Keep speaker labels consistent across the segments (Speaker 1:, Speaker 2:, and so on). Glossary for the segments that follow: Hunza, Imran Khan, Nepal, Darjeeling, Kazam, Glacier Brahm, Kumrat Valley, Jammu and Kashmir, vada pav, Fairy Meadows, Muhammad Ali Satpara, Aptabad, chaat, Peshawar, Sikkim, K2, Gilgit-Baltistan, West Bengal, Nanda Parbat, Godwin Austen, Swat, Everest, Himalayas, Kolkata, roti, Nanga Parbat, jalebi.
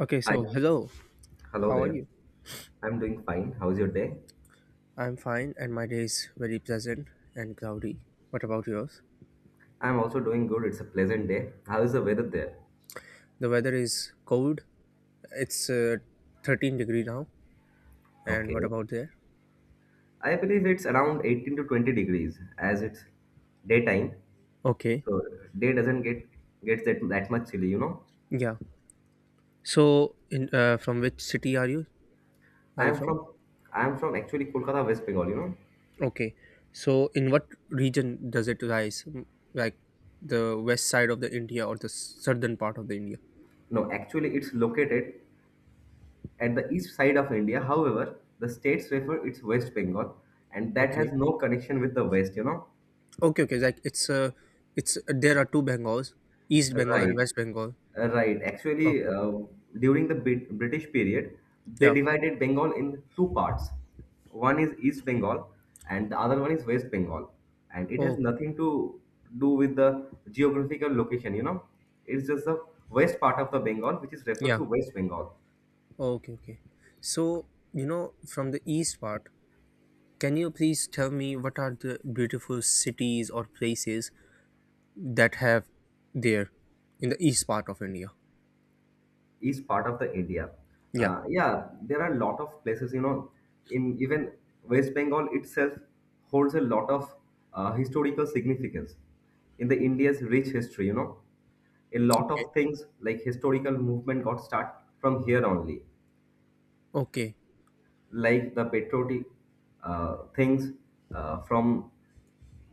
Speaker 1: Okay,
Speaker 2: Hi,
Speaker 1: so hello,
Speaker 2: hello
Speaker 1: how are
Speaker 2: there.
Speaker 1: you?
Speaker 2: I'm doing fine. How's your day?
Speaker 1: I'm fine, and my day is very pleasant and cloudy. What about yours?
Speaker 2: I'm also doing good. It's a pleasant day. How is the weather there?
Speaker 1: The weather is cold. It's 13 degree now. And what
Speaker 2: Okay.
Speaker 1: about there?
Speaker 2: I believe it's around 18 to 20 degrees as it's daytime.
Speaker 1: Okay,
Speaker 2: So day doesn't get gets that much chilly.
Speaker 1: yeah. So, in from which city are you? Are you
Speaker 2: I'm
Speaker 1: from?
Speaker 2: from I'm from actually Kolkata, West Bengal.
Speaker 1: Okay. So, in what region does it rise? Like the west side of the India or the southern part of the India?
Speaker 2: No, actually it's located at the east side of India. However, the states refer it's West Bengal and that has
Speaker 1: Okay.
Speaker 2: no connection with the West.
Speaker 1: Okay, okay. Like it's there are two Bengals, East Bengal and
Speaker 2: Right,
Speaker 1: West Bengal.
Speaker 2: right. Actually,
Speaker 1: Okay, okay.
Speaker 2: uh, during the British period, they
Speaker 1: Yeah.
Speaker 2: divided Bengal in two parts. One is East Bengal, and the other one is West Bengal. And it has
Speaker 1: Okay, okay.
Speaker 2: nothing to do with the geographical location. It's just the west part of the Bengal, which is referred
Speaker 1: Yeah.
Speaker 2: to West Bengal.
Speaker 1: Okay. Okay. So, you know, from the east part, can you please tell me what are the beautiful cities or places that have there in the east part of India?
Speaker 2: Each part of the India.
Speaker 1: Yeah.
Speaker 2: Yeah, there are a lot of places, in even West Bengal itself holds a lot of historical significance in the India's rich history. A lot
Speaker 1: Okay.
Speaker 2: of things like historical movement got start from here only,
Speaker 1: Okay.
Speaker 2: like the patriotic things from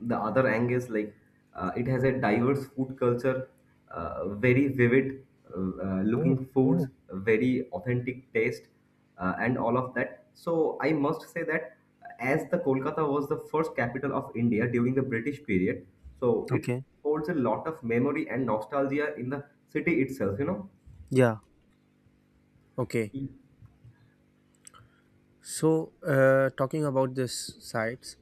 Speaker 2: the other angles. Like it has a diverse food culture, very vivid, looking foods, very authentic taste, and all of that. So I must say that as the Kolkata was the first capital of India during the British period, so it
Speaker 1: Okay.
Speaker 2: holds a lot of memory and nostalgia in the city itself, you know.
Speaker 1: Yeah. Okay. So, talking about this sites,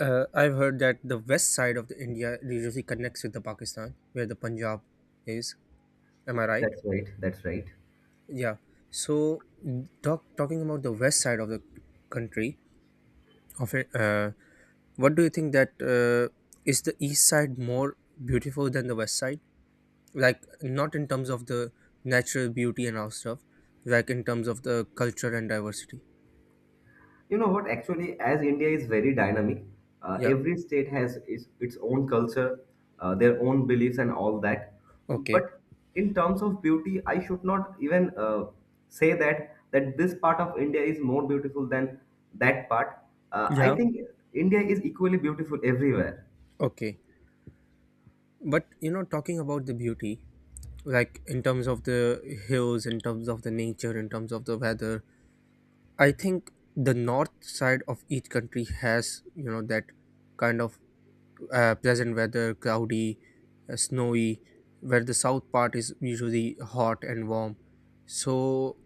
Speaker 1: I've heard that the west side of the India usually connects with the Pakistan, where the Punjab is. Am I right?
Speaker 2: That's right, that's right.
Speaker 1: Yeah. So, talking about the west side of the country, of it, what do you think that is the east side more beautiful than the west side? Like, not in terms of the natural beauty and all stuff, like in terms of the culture and diversity.
Speaker 2: You know what? Actually, as India is very dynamic,
Speaker 1: Yeah.
Speaker 2: every state has its own culture, their own beliefs, and all that.
Speaker 1: Okay.
Speaker 2: But in terms of beauty, I should not even say that this part of India is more beautiful than that part. I
Speaker 1: Yeah.
Speaker 2: think India is equally beautiful everywhere.
Speaker 1: Okay. But you know, talking about the beauty, like in terms of the hills, in terms of the nature, in terms of the weather, I think the north side of each country has you know that kind of pleasant weather, cloudy, snowy, where the south part is usually hot and warm. So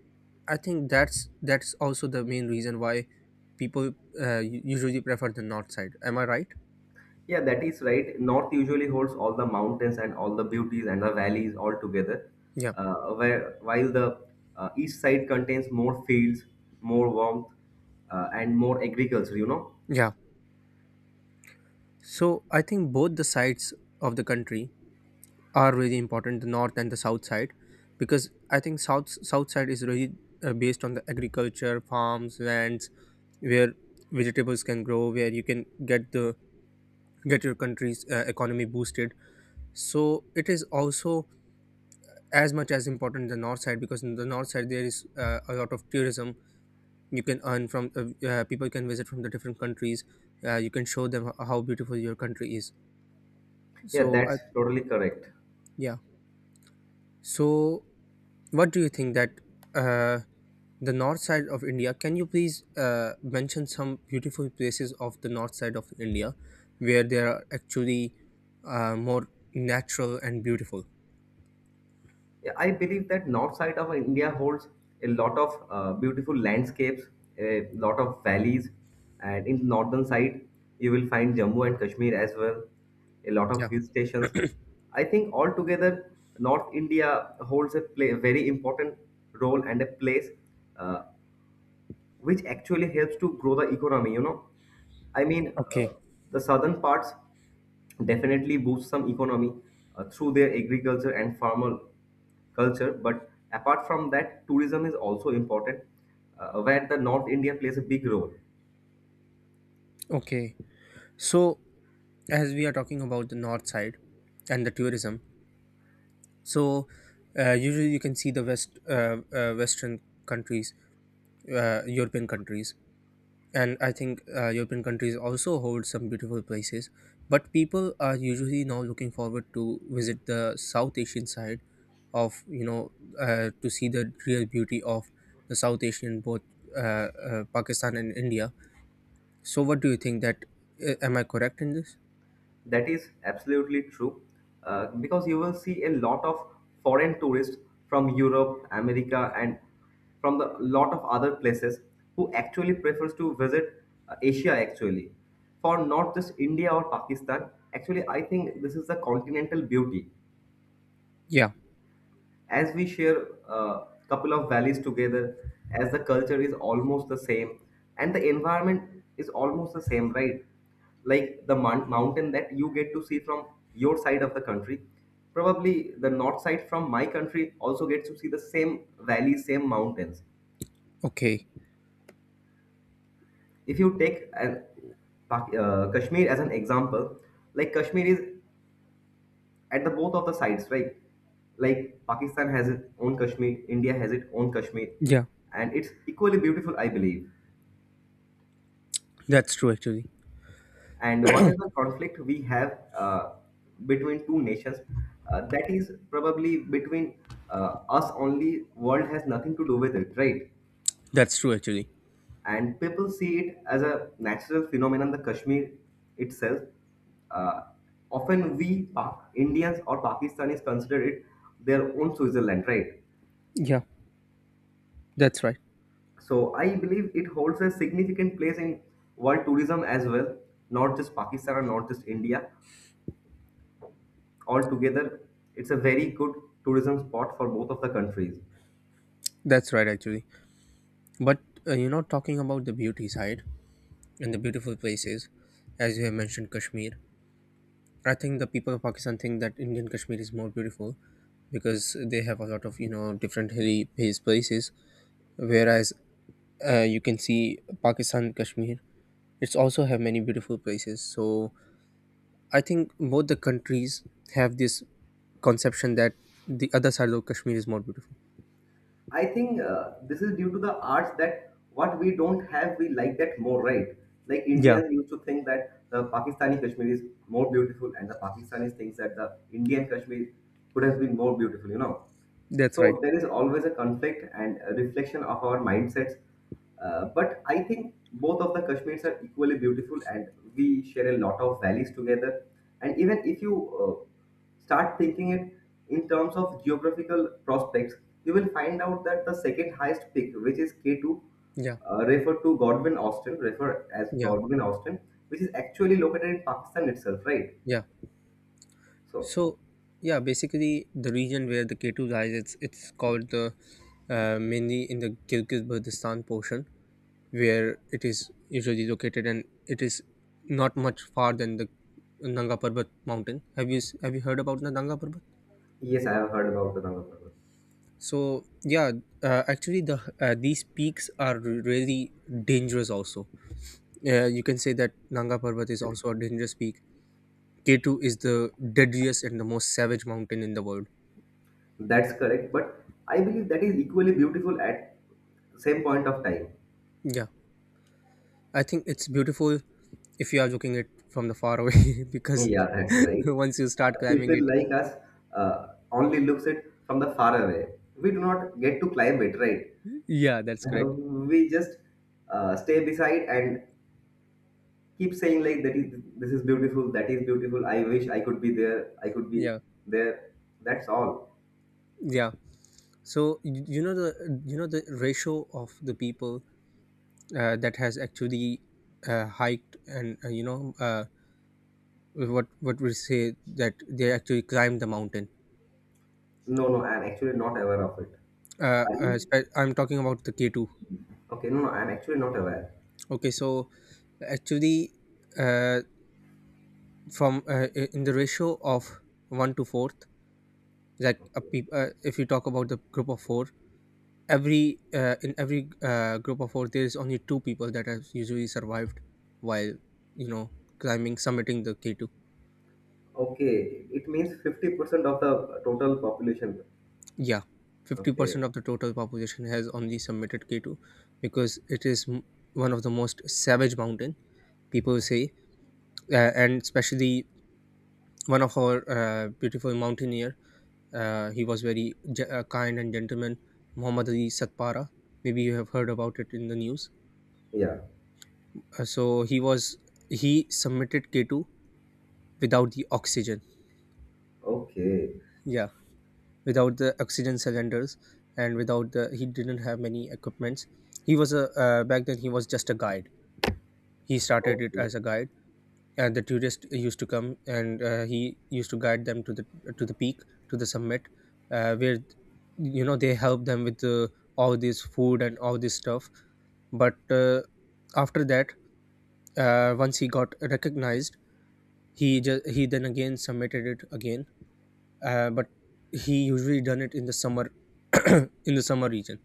Speaker 1: I think that's also the main reason why people usually prefer the north side. Am I right?
Speaker 2: Yeah, that is right. North usually holds all the mountains and all the beauties and the valleys all together,
Speaker 1: Yeah,
Speaker 2: uh, while the east side contains more fields, more warmth, and more agriculture, you know?
Speaker 1: yeah. So I think both the sides of the country are really important, the north and the south side, because I think south side is really based on the agriculture farms lands where vegetables can grow, where you can get the get your country's economy boosted. So it is also as much as important the north side, because in the north side there is a lot of tourism. You can earn from people can visit from the different countries. You can show them how beautiful your country is.
Speaker 2: Yeah,
Speaker 1: So
Speaker 2: that's
Speaker 1: I,
Speaker 2: totally correct.
Speaker 1: yeah so what do you think that uh, the north side of India. Can you please mention some beautiful places of the north side of India where they are actually more natural and beautiful?
Speaker 2: Yeah, I believe that north side of India holds a lot of beautiful landscapes, a lot of valleys, and in northern side you will find Jammu and Kashmir as well, a lot of
Speaker 1: Yeah.
Speaker 2: hill stations. I think altogether North India holds a very important role and a place, uh, which actually helps to grow the economy, you know. I mean,
Speaker 1: Okay,
Speaker 2: the southern parts definitely boost some economy through their agriculture and farmer culture, but apart from that tourism is also important, where the North India plays a big role.
Speaker 1: okay. So, as we are talking about the north side and the tourism, so usually you can see the Western countries, European countries, and I think european countries also hold some beautiful places, but people are usually now looking forward to visit the south asian side of you know to see the real beauty of the south asian, both pakistan and india. So what do you think that am I correct in this?
Speaker 2: That is absolutely true, because you will see a lot of foreign tourists from Europe, America, and from the lot of other places who actually prefers to visit Asia actually, for not just India or Pakistan. Actually, I think this is the continental beauty,
Speaker 1: Yeah.
Speaker 2: as we share a couple of valleys together, as the culture is almost the same and the environment is almost the same, right? Like the mountain that you get to see from your side of the country, probably the north side from my country also gets to see the same valleys, same mountains.
Speaker 1: Okay.
Speaker 2: If you take an, Kashmir as an example, like Kashmir is at the both of the sides, right? Like Pakistan has its own Kashmir, India has its own Kashmir,
Speaker 1: Yeah,
Speaker 2: and it's equally beautiful, I believe.
Speaker 1: that's true actually.
Speaker 2: And whatever conflict we have, between two nations, that is probably between us only. World has nothing to do with it, right?
Speaker 1: That's true actually.
Speaker 2: And people see it as a natural phenomenon, the Kashmir itself. Uh, often we Indians or Pakistanis consider it their own Switzerland, right?
Speaker 1: Yeah, that's right.
Speaker 2: So I believe it holds a significant place in world tourism as well, not just Pakistan or not just India. Altogether, it's a very good tourism spot for both of the countries.
Speaker 1: That's right actually. But you're not talking about the beauty side and the beautiful places, as you have mentioned kashmir. I think the people of Pakistan think that Indian Kashmir is more beautiful because they have a lot of you know different hilly based places, whereas you can see Pakistan Kashmir. It's also have many beautiful places. So I think both the countries have this conception that the other side of Kashmir is more beautiful.
Speaker 2: I think this is due to the arts that what we don't have, we like that more, right? Like
Speaker 1: Yeah,
Speaker 2: Indians used to think that the Pakistani Kashmir is more beautiful, and the Pakistanis thinks that the Indian Kashmir could have been more beautiful, you know.
Speaker 1: that's right.
Speaker 2: So there is always a conflict and a reflection of our mindsets. But I think both of the Kashmirs are equally beautiful and we share a lot of valleys together. And even if you start thinking it in terms of geographical prospects, you will find out that the second highest peak, which is K2,
Speaker 1: Yeah,
Speaker 2: refer as
Speaker 1: yeah,
Speaker 2: Godwin Austen, which is actually located in Pakistan itself, right?
Speaker 1: yeah.
Speaker 2: So
Speaker 1: So yeah, basically the region where the K two lies, it's called the mainly in the Gilgit Baltistan portion where it is usually located, and it is not much far than the Nanga Parbat mountain. Have you have you heard about the Nanga Parbat?
Speaker 2: yes, I have heard about the Nanga Parbat.
Speaker 1: So yeah, actually these peaks are really dangerous. Also, you can say that Nanga Parbat is also a dangerous peak. K two is the deadliest and the most savage mountain in the world.
Speaker 2: That's correct, but I believe that is equally beautiful at same point of time.
Speaker 1: Yeah, I think it's beautiful if you are looking it from the far away because
Speaker 2: Yeah, that's right.
Speaker 1: once you start
Speaker 2: Uh,
Speaker 1: climbing
Speaker 2: people
Speaker 1: it,
Speaker 2: like us only looks at from the far away. We do not get to climb it, right?
Speaker 1: yeah, that's
Speaker 2: Uh,
Speaker 1: correct.
Speaker 2: we just stay beside and keep saying like that is, this is beautiful, that is beautiful. I wish I could be there. I could be
Speaker 1: Yeah,
Speaker 2: there. That's all.
Speaker 1: yeah. So you know the ratio of the people that has actually hiked and what we say that they actually climbed the mountain.
Speaker 2: No, no, I'm actually not aware of it. Are you?
Speaker 1: I'm talking about the K two.
Speaker 2: Okay, no, no, I'm actually not aware.
Speaker 1: Okay, so actually uh, in the ratio of one to fourth, like if you talk about the group of four, every in every group of four there is only two people that have usually survived while you know climbing summiting the k2.
Speaker 2: Okay, it means 50% of the total population.
Speaker 1: Yeah,
Speaker 2: Okay,
Speaker 1: 50% of the total population has only submitted k2, because it is one of the most savage mountain people say, and especially one of our beautiful mountaineer. He was very kind and gentleman, muhammad ali satpara. Maybe you have heard about it in the news.
Speaker 2: yeah.
Speaker 1: So he was he submitted k2 without the oxygen.
Speaker 2: Okay,
Speaker 1: Yeah, without the oxygen cylinders, and without the he didn't have many equipments. He was a back then he was just a guide. He started it
Speaker 2: okay,
Speaker 1: as a guide, and the tourists used to come, and he used to guide them to the peak, to the summit, where you know they help them with all this food and all this stuff. But after that, once he got recognized, he just he then again submitted it again. But he usually done it in the summer in the summer region,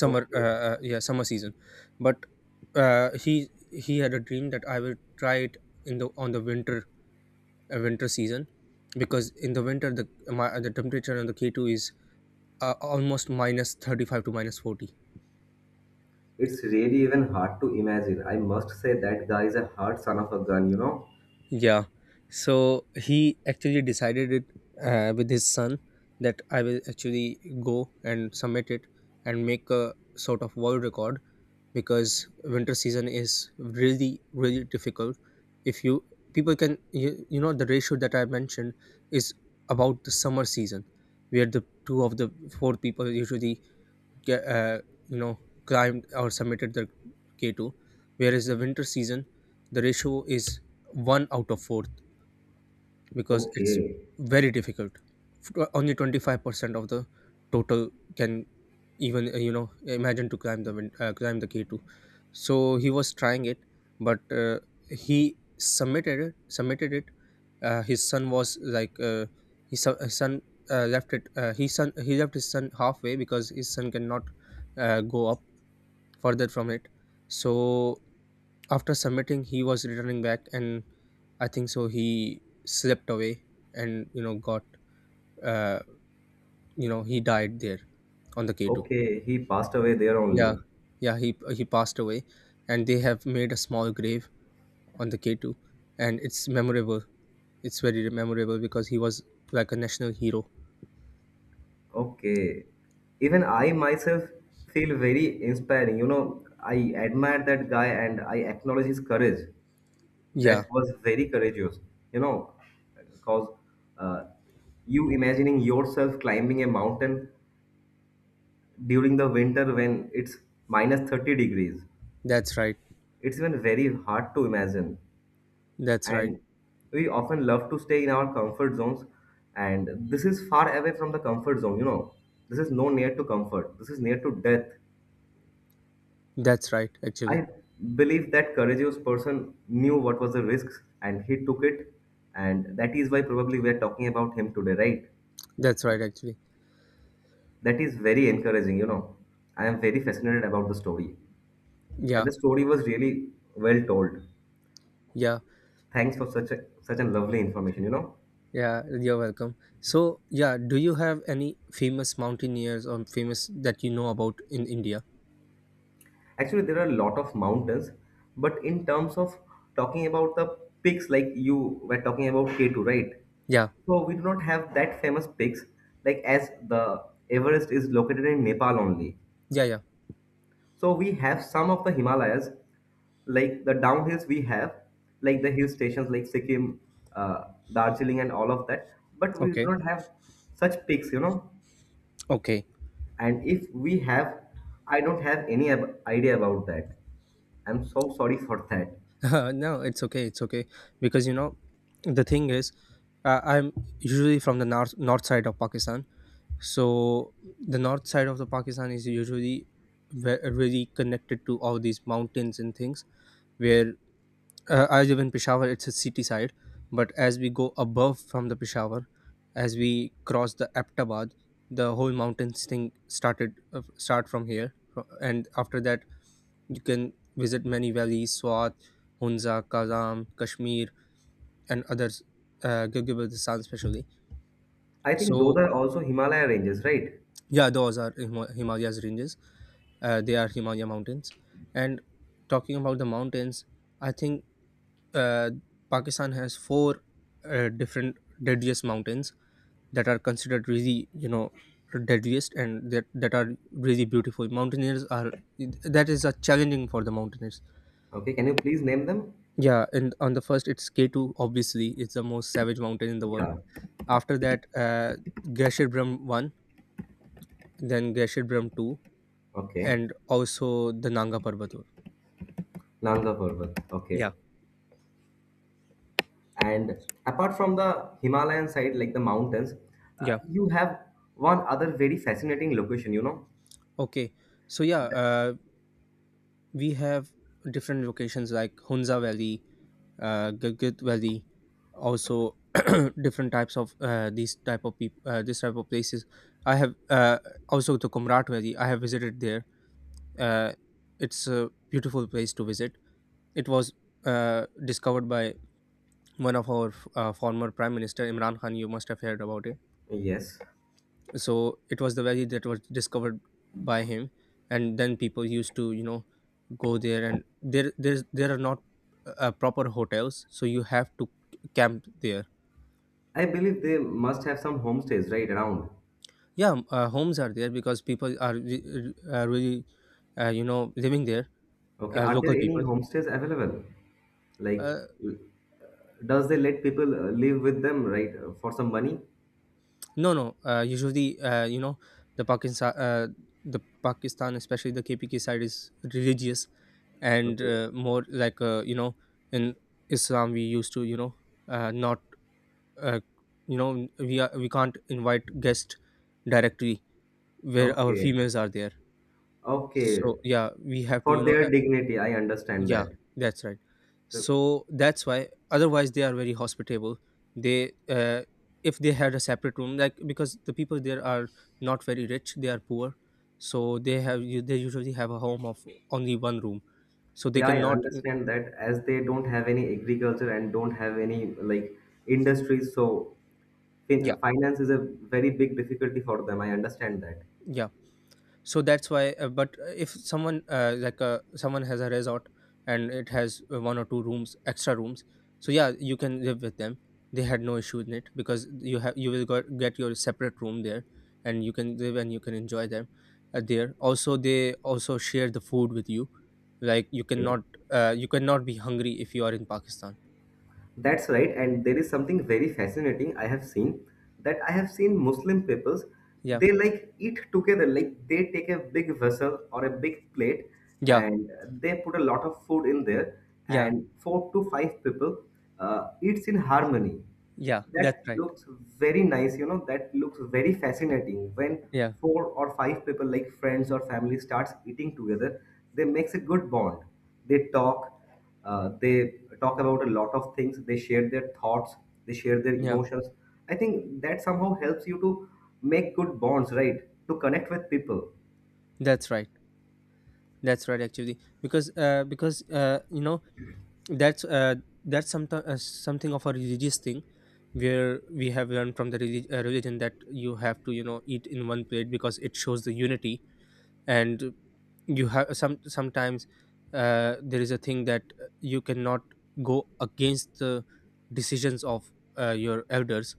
Speaker 1: summer
Speaker 2: okay.
Speaker 1: yeah, summer season. But he had a dream that I will try it in the on the winter, winter season, because in the winter the temperature on the k2 is almost minus 35 to minus 40.
Speaker 2: It's really even hard to imagine. I must say that guy is a hard son of a gun, you know?
Speaker 1: Yeah, so he actually decided it with his son that I will actually go and submit it and make a sort of world record, because winter season is really really difficult. If you people can you, you know the ratio that I mentioned is about the summer season, where the two of the four people usually get you know climbed or submitted the k2, whereas the winter season the ratio is one out of four because it's
Speaker 2: Okay,
Speaker 1: very difficult. Only 25% of the total can even you know imagine to climb the climb the K2. So he was trying it, but he submitted it. Submitted it. His son was like his son left it. His son he left his son halfway because his son cannot go up further from it. So after submitting he was returning back and I think so he slipped away and you know got uh, he died there on the k2.
Speaker 2: okay. He passed away there
Speaker 1: Yeah,
Speaker 2: only.
Speaker 1: yeah, he passed away, and they have made a small grave on the k2, and it's memorable. It's very memorable because he was like a national hero.
Speaker 2: Okay. Even I myself feel very inspiring. You know, I admire that guy and I acknowledge his courage.
Speaker 1: Yeah,
Speaker 2: That was very courageous, you know, because uh, you imagining yourself climbing a mountain during the winter when it's minus 30 degrees.
Speaker 1: that's right.
Speaker 2: It's even very hard to imagine.
Speaker 1: That's right.
Speaker 2: And we often love to stay in our comfort zones, and this is far away from the comfort zone, you know. This is no near to comfort, this is near to death.
Speaker 1: That's right actually.
Speaker 2: I believe that courageous person knew what was the risks and he took it, and that is why probably we are talking about him today, right?
Speaker 1: That's right actually.
Speaker 2: That is very encouraging, you know. I am very fascinated about the story. And
Speaker 1: Yeah,
Speaker 2: the story was really well told.
Speaker 1: yeah.
Speaker 2: Thanks for such a such a lovely information, you know.
Speaker 1: Yeah, you're welcome. So, yeah, do you have any famous mountaineers or famous that you know about in India?
Speaker 2: Actually, there are a lot of mountains, but in terms of talking about the peaks, like you were talking about K2, right?
Speaker 1: Yeah,
Speaker 2: So we do not have that famous peaks like as the Everest is located in Nepal only.
Speaker 1: yeah, yeah.
Speaker 2: So we have some of the Himalayas, like the downhills we have, like the hill stations like Sikkim, uh, Darjeeling, and all of that. But we do
Speaker 1: Okay,
Speaker 2: not have such peaks, you know.
Speaker 1: okay.
Speaker 2: And if we have, I don't have any idea about that. I'm so sorry for that.
Speaker 1: No, it's okay, it's okay. Because you know, the thing is, I'm usually from the north side of Pakistan. So the north side of the Pakistan is usually really connected to all these mountains and things, where I live in Peshawar. It's a city side, but as we go above from the Peshawar, as we cross the Aptabad, the whole mountains thing start from here, and after that you can visit many valleys: Swat, Hunza, Kazam, Kashmir, and others, Gilgit-Baltistan especially.
Speaker 2: I think those
Speaker 1: So
Speaker 2: are also Himalaya ranges, right?
Speaker 1: yeah, those are Himalayas ranges. They are Himalaya mountains, and talking about the mountains, I think uh, Pakistan has 4 different deadliest mountains that are considered really, you know, deadliest and that are really beautiful. Mountaineers are that is a challenging for the mountaineers.
Speaker 2: Okay, can you please name them?
Speaker 1: Yeah, and on the first it's K two. Obviously, it's the most savage mountain in the world.
Speaker 2: Yeah.
Speaker 1: After that, Glacier Brahm one, then Glacier Brahm two,
Speaker 2: Okay.
Speaker 1: and also the Nanga Parbatur.
Speaker 2: Nanda Parbat.
Speaker 1: Yeah,
Speaker 2: Okay. And apart from the Himalayan side, like the mountains,
Speaker 1: yeah.
Speaker 2: you have one other very fascinating location, you know?
Speaker 1: Okay, so yeah,
Speaker 2: That-
Speaker 1: we have different locations like Hunza Valley, Gilgit Valley, also different types of these type of people, this type of places. I have also the Kumrat Valley. I have visited there. Uh, it's a beautiful place to visit. It was discovered by one of our former prime minister Imran Khan. You must have heard about it.
Speaker 2: yes.
Speaker 1: So it was the valley that was discovered by him, and then people used to go there, and there are not proper hotels, so you have to camp there.
Speaker 2: I believe they must have some homestays right around.
Speaker 1: Yeah, homes are there because people are really, living there.
Speaker 2: Okay, are there
Speaker 1: Local
Speaker 2: any
Speaker 1: people.
Speaker 2: homestays available? Like,
Speaker 1: Uh,
Speaker 2: l- does they let people live with them, right, for some money?
Speaker 1: no, no. Usually, the Pakistan, uh, the Pakistan, especially the KPK side, is religious and
Speaker 2: Okay.
Speaker 1: more like in Islam we used to, not, uh, we can't invite guests directly where our
Speaker 2: Okay.
Speaker 1: females are there. So
Speaker 2: Okay.
Speaker 1: yeah, we have to,
Speaker 2: For their dignity, I understand
Speaker 1: yeah,
Speaker 2: that.
Speaker 1: that's right.
Speaker 2: So,
Speaker 1: So that's why. Otherwise, they are very hospitable. They, uh, if they had a separate room, like, because the people there are not very rich, they are poor, so they usually have a home of only one room, so they
Speaker 2: yeah, I
Speaker 1: cannot.
Speaker 2: understand that as they don't have any agriculture and don't have any like industries, so
Speaker 1: Yeah,
Speaker 2: finance is a very big difficulty for them. I understand that.
Speaker 1: yeah. So that's why. But if someone has a resort and it has one or two rooms, extra rooms, so yeah, you can live with them. They had no issue in it, because you will get your separate room there, and you can live and you can enjoy them. There also, they also share the food with you, like
Speaker 2: Okay.
Speaker 1: you cannot be hungry if you are in Pakistan.
Speaker 2: That's right. And there is something very fascinating I have seen that I have seen Muslim peoples,
Speaker 1: Yeah,
Speaker 2: they like eat together. Like they take a big vessel or a big plate
Speaker 1: yeah,
Speaker 2: and they put a lot of food in there
Speaker 1: yeah,
Speaker 2: and four to five people eats in harmony.
Speaker 1: yeah, that's
Speaker 2: That
Speaker 1: right.
Speaker 2: looks very nice, you know, that looks very fascinating. When
Speaker 1: Yeah,
Speaker 2: four or five people like friends or family starts eating together, they makes a good bond. They talk, they talk about a lot of things, they share their thoughts, they share their
Speaker 1: yeah,
Speaker 2: emotions. I think that somehow helps you to make good bonds, right? To connect with people.
Speaker 1: that's right. That's right actually, because that's uh, that's something of a religious thing, where we have learned from the religion that you have to, you know, eat in one plate because it shows the unity. And you have sometimes there is a thing that you cannot go against the decisions of your elders,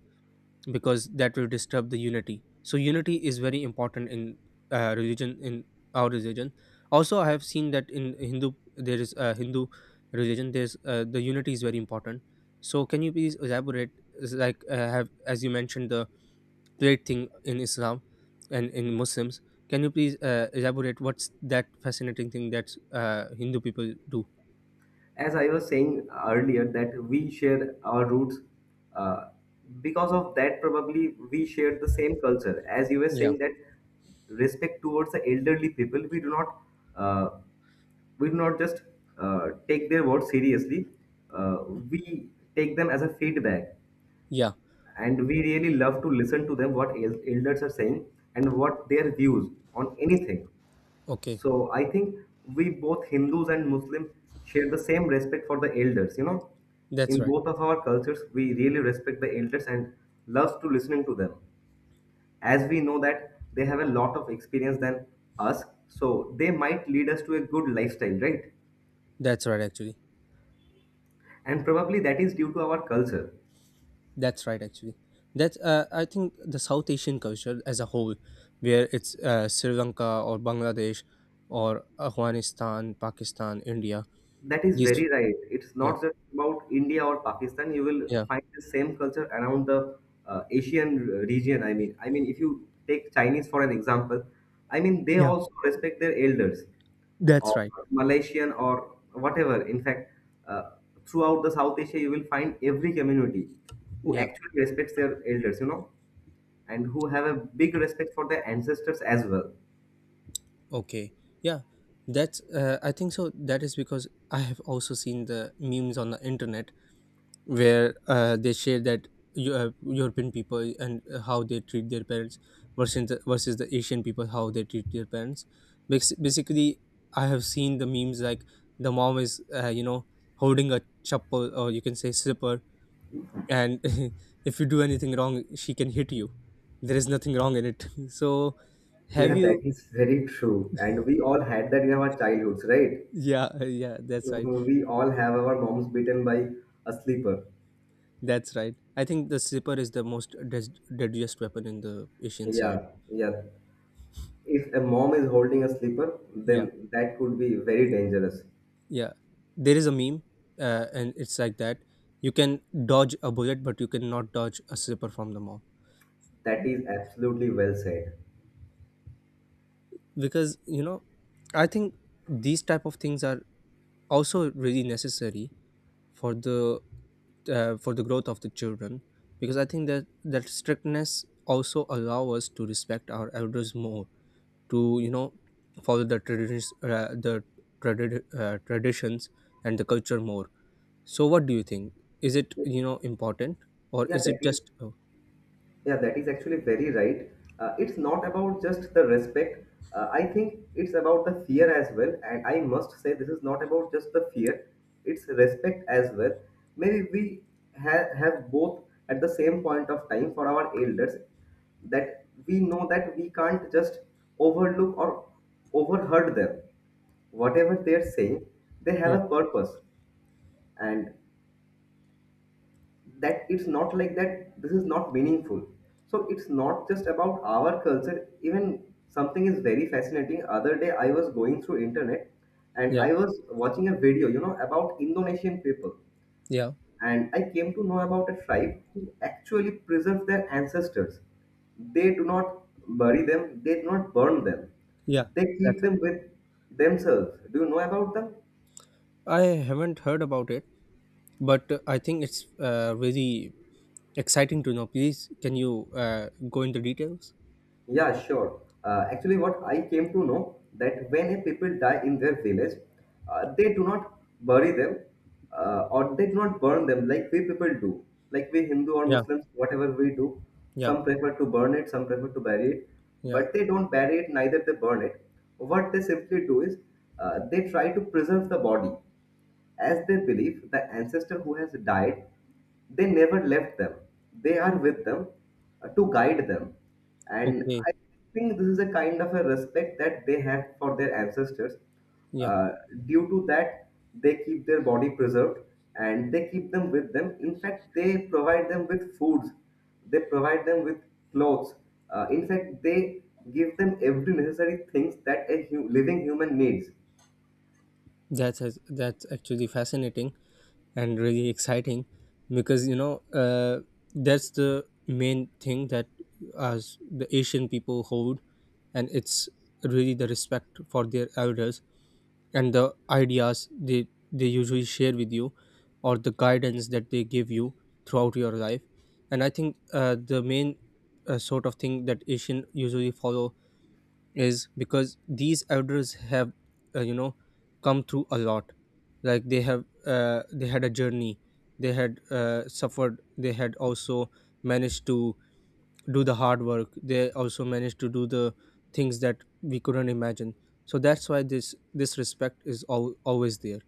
Speaker 1: because that will disturb the unity. So unity is very important in religion, in our religion. Also, I have seen that in Hindu, there is a Hindu religion, there's the unity is very important. So can you please elaborate? Is like, have, as you mentioned, the great thing in Islam and in Muslims, can you please elaborate what's that fascinating thing that Hindu people do?
Speaker 2: As I was saying earlier, that we share our roots. Uh, because of that, probably we share the same culture. As you were
Speaker 1: Yeah.
Speaker 2: saying that respect towards the elderly people, uh, we do not just take their words seriously. We take them as a feedback,
Speaker 1: Yeah.
Speaker 2: and we really love to listen to them what elders are saying and what their views on anything.
Speaker 1: Okay.
Speaker 2: So I think we both Hindus and Muslims share the same respect for the elders. You know,
Speaker 1: That's
Speaker 2: in
Speaker 1: right.
Speaker 2: both of our cultures, we really respect the elders and loves to listening to them. As we know that they have a lot of experience than us, so they might lead us to a good lifestyle, right?
Speaker 1: That's right actually.
Speaker 2: And probably that is due to our culture.
Speaker 1: That's right, actually. That's I think the South Asian culture as a whole, where it's Sri Lanka or Bangladesh or Afghanistan, Pakistan, India.
Speaker 2: That is
Speaker 1: These,
Speaker 2: very right. It's
Speaker 1: yeah,
Speaker 2: not just about India or Pakistan. You will
Speaker 1: yeah,
Speaker 2: find the same culture around the Asian region. I mean, if you take Chinese for an example, I mean, they
Speaker 1: yeah.
Speaker 2: also respect their elders,
Speaker 1: That's
Speaker 2: or
Speaker 1: right.
Speaker 2: Malaysian or whatever. In fact, uh, throughout the South Asia, you will find every community who
Speaker 1: Yeah.
Speaker 2: actually respects their elders, you know, and who have a big respect for their ancestors as well.
Speaker 1: Okay. Yeah. That's. I think so. That is because I have also seen the memes on the internet, where they share that European people and how they treat their parents versus versus the Asian people how they treat their parents. Basically, I have seen the memes like the mom is, holding a chappal, or you can say slipper, and if you do anything wrong, she can hit you. There is nothing wrong in it. So, have
Speaker 2: Yeah, that
Speaker 1: you?
Speaker 2: is very true. And we all had that in our childhoods, right?
Speaker 1: Yeah, yeah, that's right.
Speaker 2: We all have our moms beaten by a sleeper.
Speaker 1: That's right. I think the slipper is the most deadliest weapon in the Asian side.
Speaker 2: Yeah, yeah. If a mom is holding a sleeper,
Speaker 1: Yeah.
Speaker 2: then that could be very dangerous.
Speaker 1: Yeah, there is a meme, and it's like that. You can dodge a bullet, but you cannot dodge a slipper from the mob.
Speaker 2: That is absolutely well said.
Speaker 1: Because, you know, I think these type of things are also really necessary for the for the growth of the children. Because I think that that strictness also allow us to respect our elders more, to, you know, follow the traditions, traditions and the culture more. So what do you think? Is it, you know, important or
Speaker 2: Yeah,
Speaker 1: is
Speaker 2: that
Speaker 1: it
Speaker 2: is
Speaker 1: just oh,
Speaker 2: Yeah, that is actually very right. It's not about just the respect. I think it's about the fear as well. And I must say, this is not about just the fear, it's respect as well. Maybe we have both at the same point of time for our elders that we know that we can't just overlook or overheard them. Whatever they're saying, they have
Speaker 1: yeah,
Speaker 2: a purpose. And that it's not like that this is not meaningful. So it's not just about our culture. Even something is very fascinating, other day I was going through internet and
Speaker 1: yeah,
Speaker 2: I was watching a video, you know, about Indonesian people,
Speaker 1: yeah,
Speaker 2: and I came to know about a tribe who actually preserve their ancestors. They do not bury them, they do not burn them,
Speaker 1: yeah.
Speaker 2: they
Speaker 1: That's
Speaker 2: keep
Speaker 1: it.
Speaker 2: them with themselves. Do you know about them?
Speaker 1: I haven't heard about it, but I think it's really exciting to know. Please, can you go into details?
Speaker 2: Yeah, sure. Actually, what I came to know that when a people die in their village, they do not bury them or they do not burn them like we people do. Like we Hindu or
Speaker 1: Yeah,
Speaker 2: Muslims, whatever we do,
Speaker 1: yeah,
Speaker 2: some prefer to burn it, some prefer to bury it,
Speaker 1: yeah.
Speaker 2: but they don't bury it, neither they burn it. What they simply do is they try to preserve the body. As they believe the ancestor who has died, they never left them. They are with them to guide them. And
Speaker 1: Okay,
Speaker 2: I think this is a kind of a respect that they have for their ancestors.
Speaker 1: yeah.
Speaker 2: Uh, Due to that, they keep their body preserved and they keep them with them. In fact, they provide them with foods, they provide them with clothes. In fact, they give them every necessary things that a living human needs.
Speaker 1: That's that's actually fascinating and really exciting, because, you know, that's the main thing that as the Asian people hold, and it's really the respect for their elders and the ideas they usually share with you, or the guidance that they give you throughout your life. And I think the main sort of thing that Asian usually follow is because these elders have, uh, you know come through a lot. Like they have they had a journey, they had suffered, they had also managed to do the hard work, they also managed to do the things that we couldn't imagine. So that's why this respect is all always there.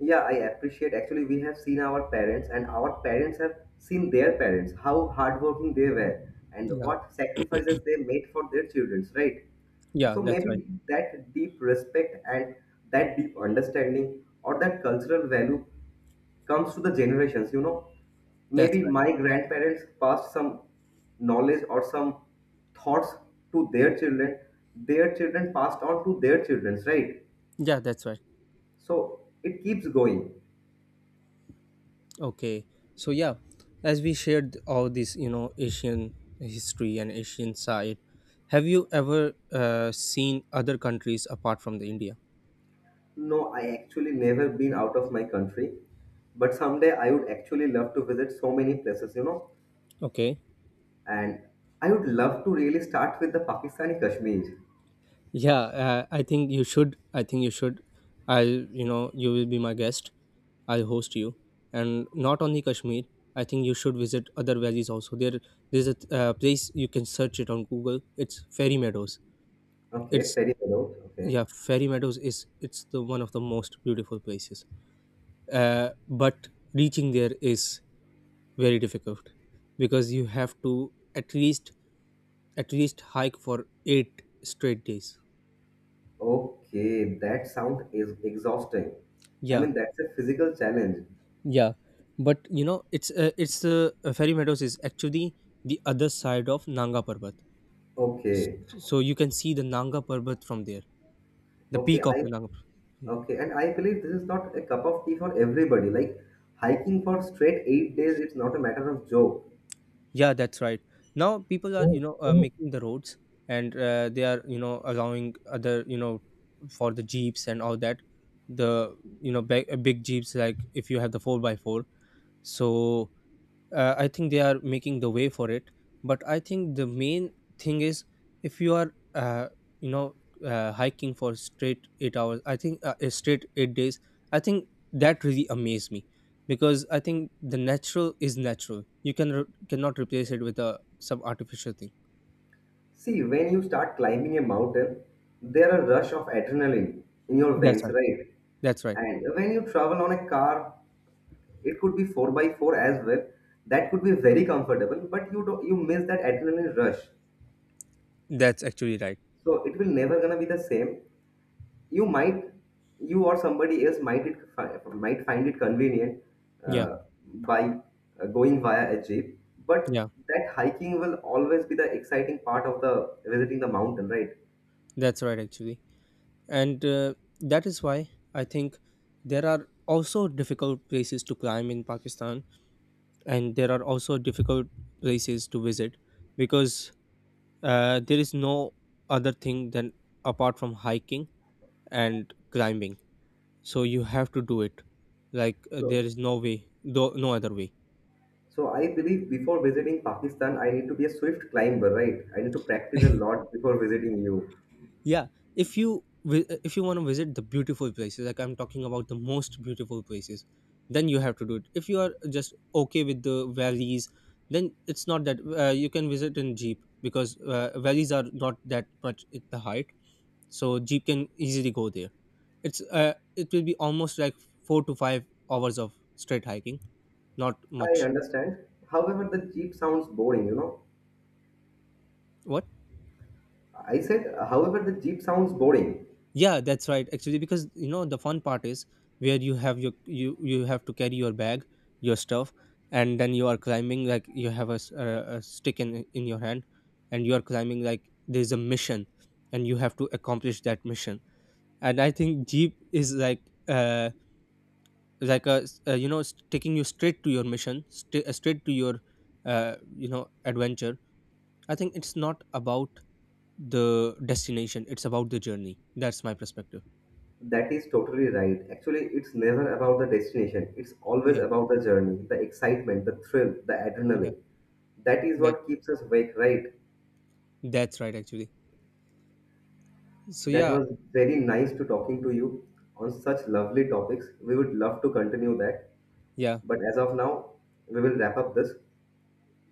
Speaker 2: Yeah, I appreciate. Actually, we have seen our parents, and our parents have seen their parents, how hardworking they were, and
Speaker 1: Yeah.
Speaker 2: what sacrifices they made for their children, right?
Speaker 1: Yeah,
Speaker 2: So
Speaker 1: that's right.
Speaker 2: maybe that deep respect and that deep understanding or that cultural value comes to the generations, you know.
Speaker 1: That's
Speaker 2: Maybe
Speaker 1: right.
Speaker 2: my grandparents passed some knowledge or some thoughts to their children passed on to their children, right?
Speaker 1: Yeah, that's right.
Speaker 2: So it keeps going.
Speaker 1: Okay, so yeah, as we shared all this, you know, Asian history and Asian side, have you ever seen other countries apart from the India?
Speaker 2: No, I actually never been out of my country, but someday I would actually love to visit so many places, you know.
Speaker 1: Okay,
Speaker 2: And I would love to really start with the Pakistani Kashmir.
Speaker 1: yeah, I think you should. I think you should. I'll, you know, you will be my guest. I'll host you, and not only Kashmir. I think you should visit other valleys also. There's a place, you can search it on Google. It's Fairy Meadows.
Speaker 2: Okay,
Speaker 1: It's,
Speaker 2: ferry out. Okay,
Speaker 1: yeah, Fairy Meadows is, it's the one of the most beautiful places. But reaching there is very difficult, because you have to at least hike for 8 straight days.
Speaker 2: okay, that sound is exhausting. I
Speaker 1: Yeah.
Speaker 2: mean, that's a physical challenge.
Speaker 1: Yeah, but you know it's Fairy Meadows is actually the other side of Nanga Parbat. S-
Speaker 2: Okay,
Speaker 1: so you can see the Nanga Parbat from there, the
Speaker 2: okay,
Speaker 1: peak of
Speaker 2: I
Speaker 1: the Nanga Parbat.
Speaker 2: okay, and I believe this is not a cup of tea for everybody. Like hiking for straight 8 days, it's not a matter of joke.
Speaker 1: Yeah, that's right. Now people are, you know, making the roads, and they are, you know, allowing other, you know, for the jeeps and all that. The, you know, big, big jeeps, like if you have the 4 by 4. So I think they are making the way for it, but I think the main thing is, if you are you know hiking for straight 8 hours, I think straight 8 days, I think that really amazed me, because I think the natural is natural, you cannot replace it with a some artificial thing.
Speaker 2: See, when you start climbing a mountain, there are rush of adrenaline in your
Speaker 1: That's
Speaker 2: veins,
Speaker 1: right.
Speaker 2: right?
Speaker 1: That's right.
Speaker 2: And when you travel on a car, it could be 4 by 4 as well. That could be very comfortable, but you don't, you miss that adrenaline rush.
Speaker 1: That's actually right.
Speaker 2: So it will never gonna be the same. You might, you or somebody else might find it convenient
Speaker 1: Yeah.
Speaker 2: uh, by going via a jeep, but
Speaker 1: Yeah,
Speaker 2: that hiking will always be the exciting part of the visiting the mountain, right?
Speaker 1: that's right actually. And that is why I think there are also difficult places to climb in Pakistan, and there are also difficult places to visit, because there is no other thing than, apart from hiking and climbing, so you have to do it. Like, there
Speaker 2: So
Speaker 1: is no way, no, no other way.
Speaker 2: So I believe before visiting Pakistan, I need to be a swift climber, right? I need to practice a lot before visiting you.
Speaker 1: Yeah, if you want to visit the beautiful places, like I'm talking about the most beautiful places, then you have to do it. If you are just okay with the valleys, then it's not that you can visit in jeep, because valleys are not that much at the height, so jeep can easily go there. It will be almost like 4 to 5 hours of straight hiking, not
Speaker 2: I
Speaker 1: much.
Speaker 2: understand. However, the jeep sounds boring, you know.
Speaker 1: What?
Speaker 2: I said, however, the jeep sounds boring.
Speaker 1: Yeah, that's right actually, because, you know, the fun part is where you have your, you have to carry your bag, your stuff, and then you are climbing, like you have a, a stick in your hand, and you are climbing like there's a mission, and you have to accomplish that mission. And I think jeep is like a, taking you straight to your mission, straight to your adventure. I think it's not about the destination, it's about the journey. That's my perspective.
Speaker 2: That is totally right. Actually, it's never about the destination. It's always
Speaker 1: Yeah.
Speaker 2: about the journey, the excitement, the thrill, the
Speaker 1: Yeah,
Speaker 2: adrenaline. That is
Speaker 1: that
Speaker 2: what keeps us awake, right?
Speaker 1: that's right actually. So
Speaker 2: That
Speaker 1: yeah.
Speaker 2: was very nice to talking to you on such lovely topics. We would love to continue that.
Speaker 1: Yeah.
Speaker 2: But as of now, we will wrap up this.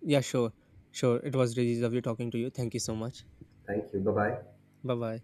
Speaker 1: Yeah, sure. Sure, it was really lovely talking to you. Thank you so much.
Speaker 2: Thank you. Bye bye.
Speaker 1: Bye bye.